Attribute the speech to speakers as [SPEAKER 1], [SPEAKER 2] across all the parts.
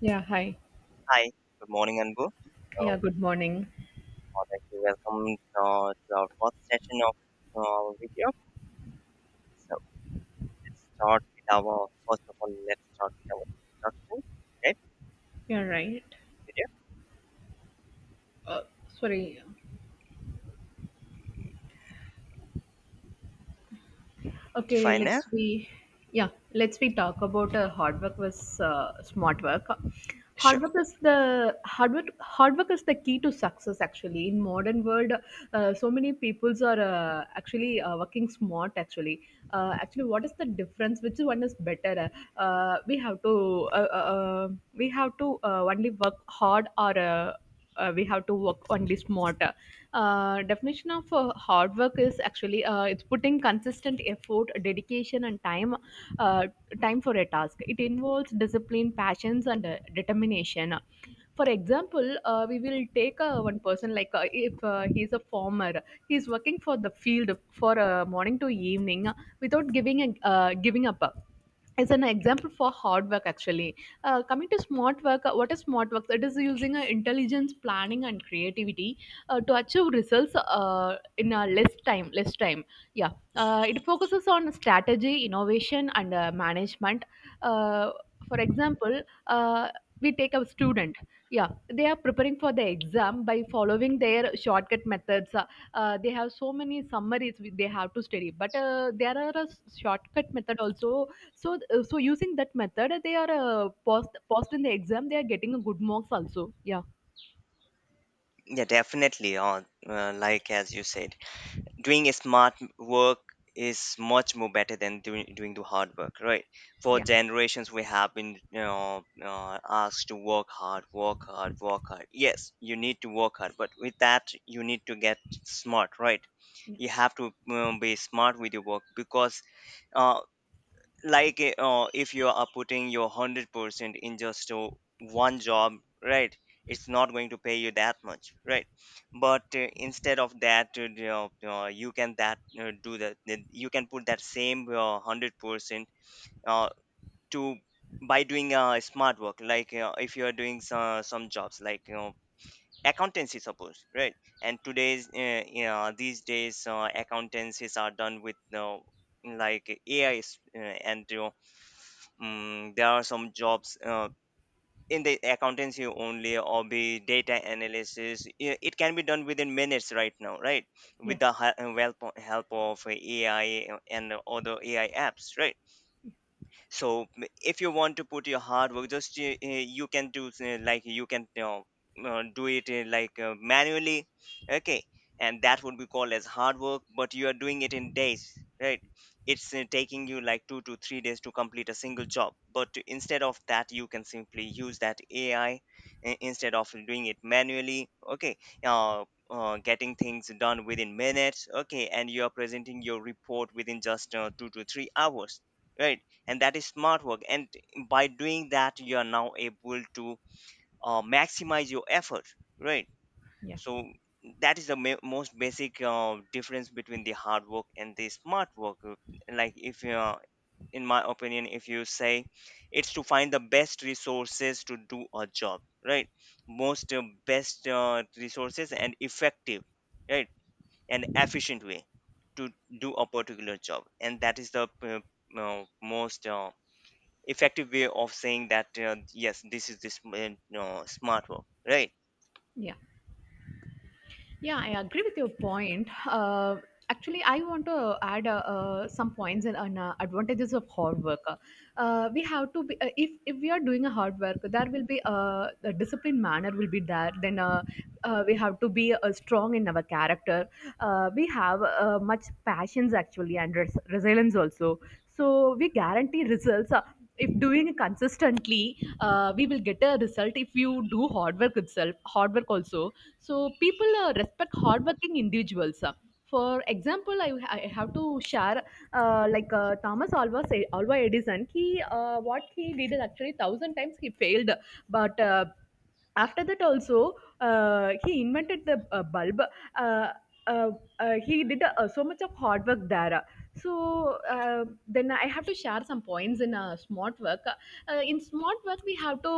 [SPEAKER 1] Yeah, hi.
[SPEAKER 2] Hi, good morning, Anbu.
[SPEAKER 1] Yeah,
[SPEAKER 2] So,
[SPEAKER 1] good morning.
[SPEAKER 2] I'd like to welcome to our first session of our video. So, let's start with our, first of all, let's start with our introduction. Right.
[SPEAKER 1] You're right.
[SPEAKER 2] Video.
[SPEAKER 1] Uh, sorry. Okay,
[SPEAKER 2] Fine, yeah?
[SPEAKER 1] let's we yeah, let's we talk about hard work versus smart work. Hard
[SPEAKER 2] Sure.
[SPEAKER 1] work is the hard work, hard work is the key to success actually in modern world. So many peoples are actually working smart actually. Actually, what is the difference, which one is better? uh, we have to uh, uh, uh, we have to only work hard, or we have to work only smarter. Definition of hard work is actually it's putting consistent effort, dedication, and time uh, time for a task. It involves discipline, passions, and determination. For example, we will take one person like, if he's a farmer, he's working for the field for morning to evening, without giving giving up is an example for hard work actually. Coming to smart work, what is smart work? It is using intelligence, planning, and creativity to achieve results in a less time. Yeah It focuses on strategy, innovation, and management. uh, for example, uh, we take a student. Yeah They are preparing for the exam by following their shortcut methods. They have so many summaries they have to study, but there are a shortcut method also. So, so using that method, they are post in the exam. They are getting a good marks also. Yeah.
[SPEAKER 2] Yeah, definitely. Like as you said. Doing a smart work is much more better than doing the hard work, right? For
[SPEAKER 1] yeah
[SPEAKER 2] generations we have been asked to work hard, work hard, work hard. Yes, you need to work hard, but with that you need to get smart, right?
[SPEAKER 1] yeah
[SPEAKER 2] You have to be smart with your work because uh, like if you are putting your 100% in just one job, right, it's not going to pay you that much, right? But instead of that, you can put that same 100% uh, to, by doing smart work, like if you are doing some jobs, like accountancy, suppose, right? And today's these days accountancies are done with like AI And there are some jobs in the accountancy only, or be data analysis. It can be done within minutes right now, right?
[SPEAKER 1] yeah
[SPEAKER 2] With the help of AI and other AI apps, right? So if you want to put your hard work, just, you can do, like, you can you know, do it, like, manually, okay, and that would be called as hard work, but you are doing it in days, right? It's taking you like 2 to 3 days to complete a single job, but instead of that you can simply use that AI, instead of doing it manually, okay, getting things done within minutes, okay, and you are presenting your report within just 2 to 3 hours, right? And that is smart work, and by doing that you are now able to maximize your effort, right?
[SPEAKER 1] yeah
[SPEAKER 2] So that is the most basic difference between the hard work and the smart work. Like, if you are, in my opinion, if you say, it's to find the best resources to do a job, right, most best resources and effective, right, and efficient way to do a particular job, and that is the most effective way of saying that, yes, this is this no, smart work, right?
[SPEAKER 1] yeah Yeah, I agree with your point. Actually, I want to add some points and on advantages of hard work. We have to be, if we are doing a hard work, there will be the discipline manner will be there. Then we have to be strong in our character. We have much passions actually, and resilience also. So we guarantee results. If doing consistently, we will get a result. If you do hard work itself, hard work also, so people respect hardworking individuals. For example, I have to share like, Thomas Alva Edison. He, what he did is actually thousand times he failed, but after that also he invented the bulb. Uh, uh, he did so much of hard work there. So then I have to share some points in smart work. In smart work, we have to,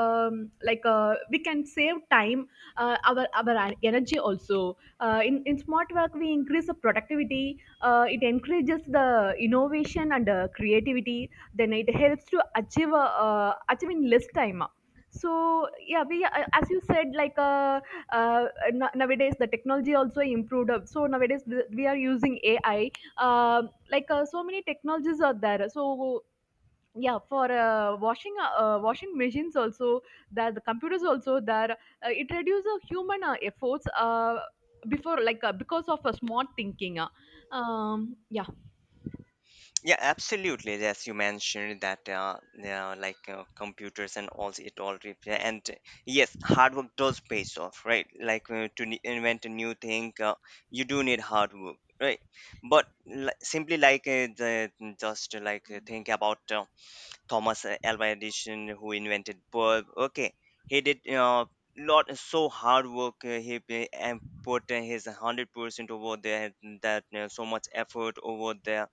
[SPEAKER 1] like, we can save time, our energy also. In smart work, we increase the productivity. It encourages the innovation and creativity. Then it helps to achieve achieve in less time. So yeah, we, as you said, like, uh, nowadays the technology also improved up. So nowadays we are using AI. Like, so many technologies are there. So yeah, for washing machines also, that the computers also, that it reduces human efforts. Before, like, because of a smart thinking. Yeah
[SPEAKER 2] Yeah, absolutely, as you mentioned that, yeah, like computers and all, it all yeah, and, yes, hard work does pays off, right, like, to invent a new thing, you do need hard work, right, but simply like, the, just like think about Thomas Alva Edison, who invented bulb. Okay, he did, lot so hard work. He and put, his 100% over there. That, so much effort over there,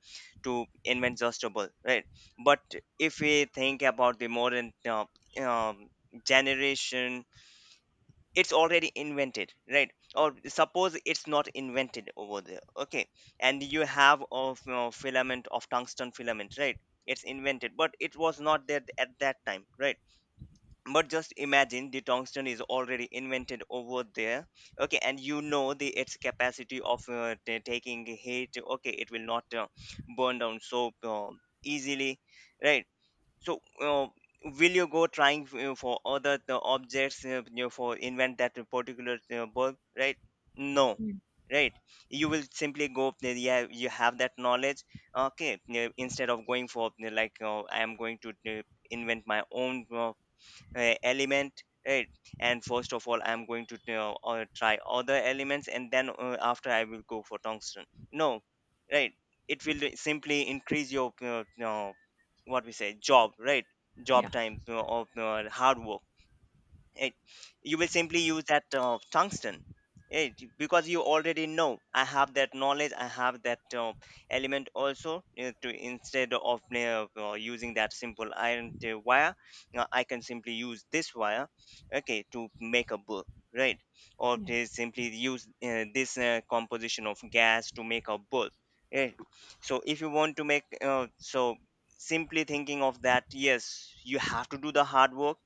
[SPEAKER 2] to invent just a bulb, right? But if we think about the modern um, generation, it's already invented, right? Or suppose it's not invented over there, okay, and you have of, filament of tungsten filament, right? It's invented but it was not there at that time, right? But just imagine the tungsten is already invented over there, okay, and the its capacity of, taking heat, okay, it will not burn down so easily, right? So, will you go trying for other the objects, for invent that particular bulb, right? No, right? You will simply go. Yeah, you have that knowledge. Okay, instead of going for, like, I am going to invent my own element, right, and first of all I'm going to, try other elements, and then after I will go for tungsten. No, right? It will simply increase your, what we say, job, right,
[SPEAKER 1] Yeah.
[SPEAKER 2] job time, of hard work, right? You will simply use that tungsten, right? Because you already know, I have that knowledge, I have that element also, to, instead of using that simple iron wire, I can simply use this wire, okay, to make a book, right, or
[SPEAKER 1] yeah
[SPEAKER 2] to
[SPEAKER 1] Yeah.
[SPEAKER 2] simply use this composition of gas to make a bulb, right? So if you want to make, so, simply thinking of that, yes, you have to do the hard work,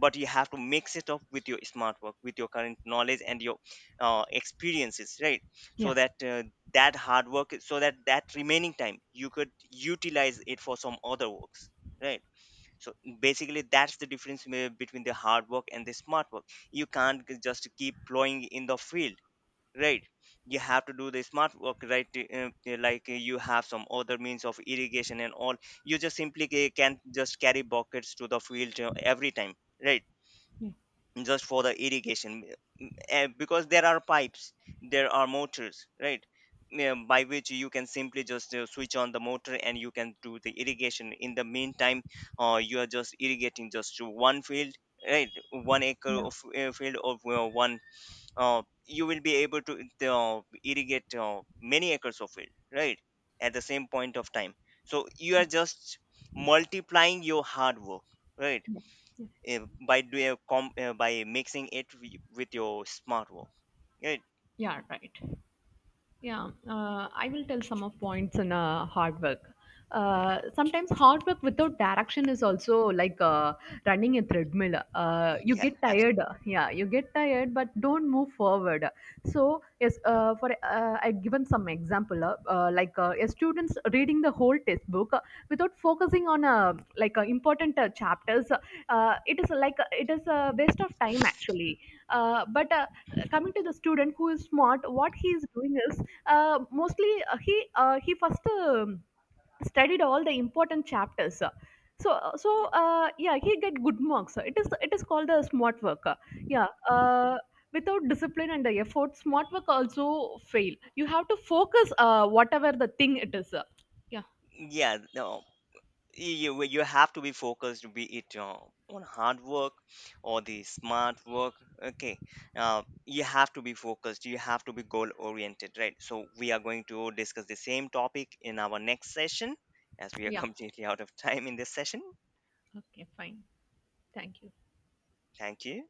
[SPEAKER 2] but you have to mix it up with your smart work, with your current knowledge and your experiences, right? So
[SPEAKER 1] yeah
[SPEAKER 2] that, that hard work, so that remaining time you could utilize it for some other works, right? So basically that's the difference between the hard work and the smart work. You can't just keep plowing in the field, right? You have to do the smart work, right, like, you have some other means of irrigation and all. You just simply can't just carry buckets to the field every time, right,
[SPEAKER 1] Yeah. yeah
[SPEAKER 2] just for the irrigation. Because there are pipes, there are motors, right? Yeah, by which you can simply just switch on the motor and you can do the irrigation. In the meantime you are just irrigating just to one field, right, 1 acre
[SPEAKER 1] Yeah.
[SPEAKER 2] of field of one, you will be able to irrigate many acres of field, right, at the same point of time. So you
[SPEAKER 1] yeah
[SPEAKER 2] are just multiplying your hard work, right,
[SPEAKER 1] Yeah.
[SPEAKER 2] uh, by mixing it with your smart work. Right?
[SPEAKER 1] Yeah. Right. Yeah, I will tell some of points in hard work. Sometimes hard work without direction is also like running a treadmill. You
[SPEAKER 2] Yeah,
[SPEAKER 1] get tired,
[SPEAKER 2] absolutely.
[SPEAKER 1] yeah, you get tired, but don't move forward. So yes, for I've given some example, like, a students reading the whole textbook, without focusing on, like, important chapters. It is like, it is a waste of time actually. But coming to the student who is smart, what he is doing is mostly he first studied all the important chapters. so uh, so yeah, he get good marks. It is called the smart work. Yeah Without discipline and the effort, smart work also fail. You have to focus, whatever the thing it is.
[SPEAKER 2] Yeah, no, you have to be focused, be it on hard work or the smart work. Okay, you have to be focused. You have to be goal oriented, right? So we are going to discuss the same topic in our next session, as we are completely out of time in this session.
[SPEAKER 1] Okay, fine. Thank you.
[SPEAKER 2] Thank you.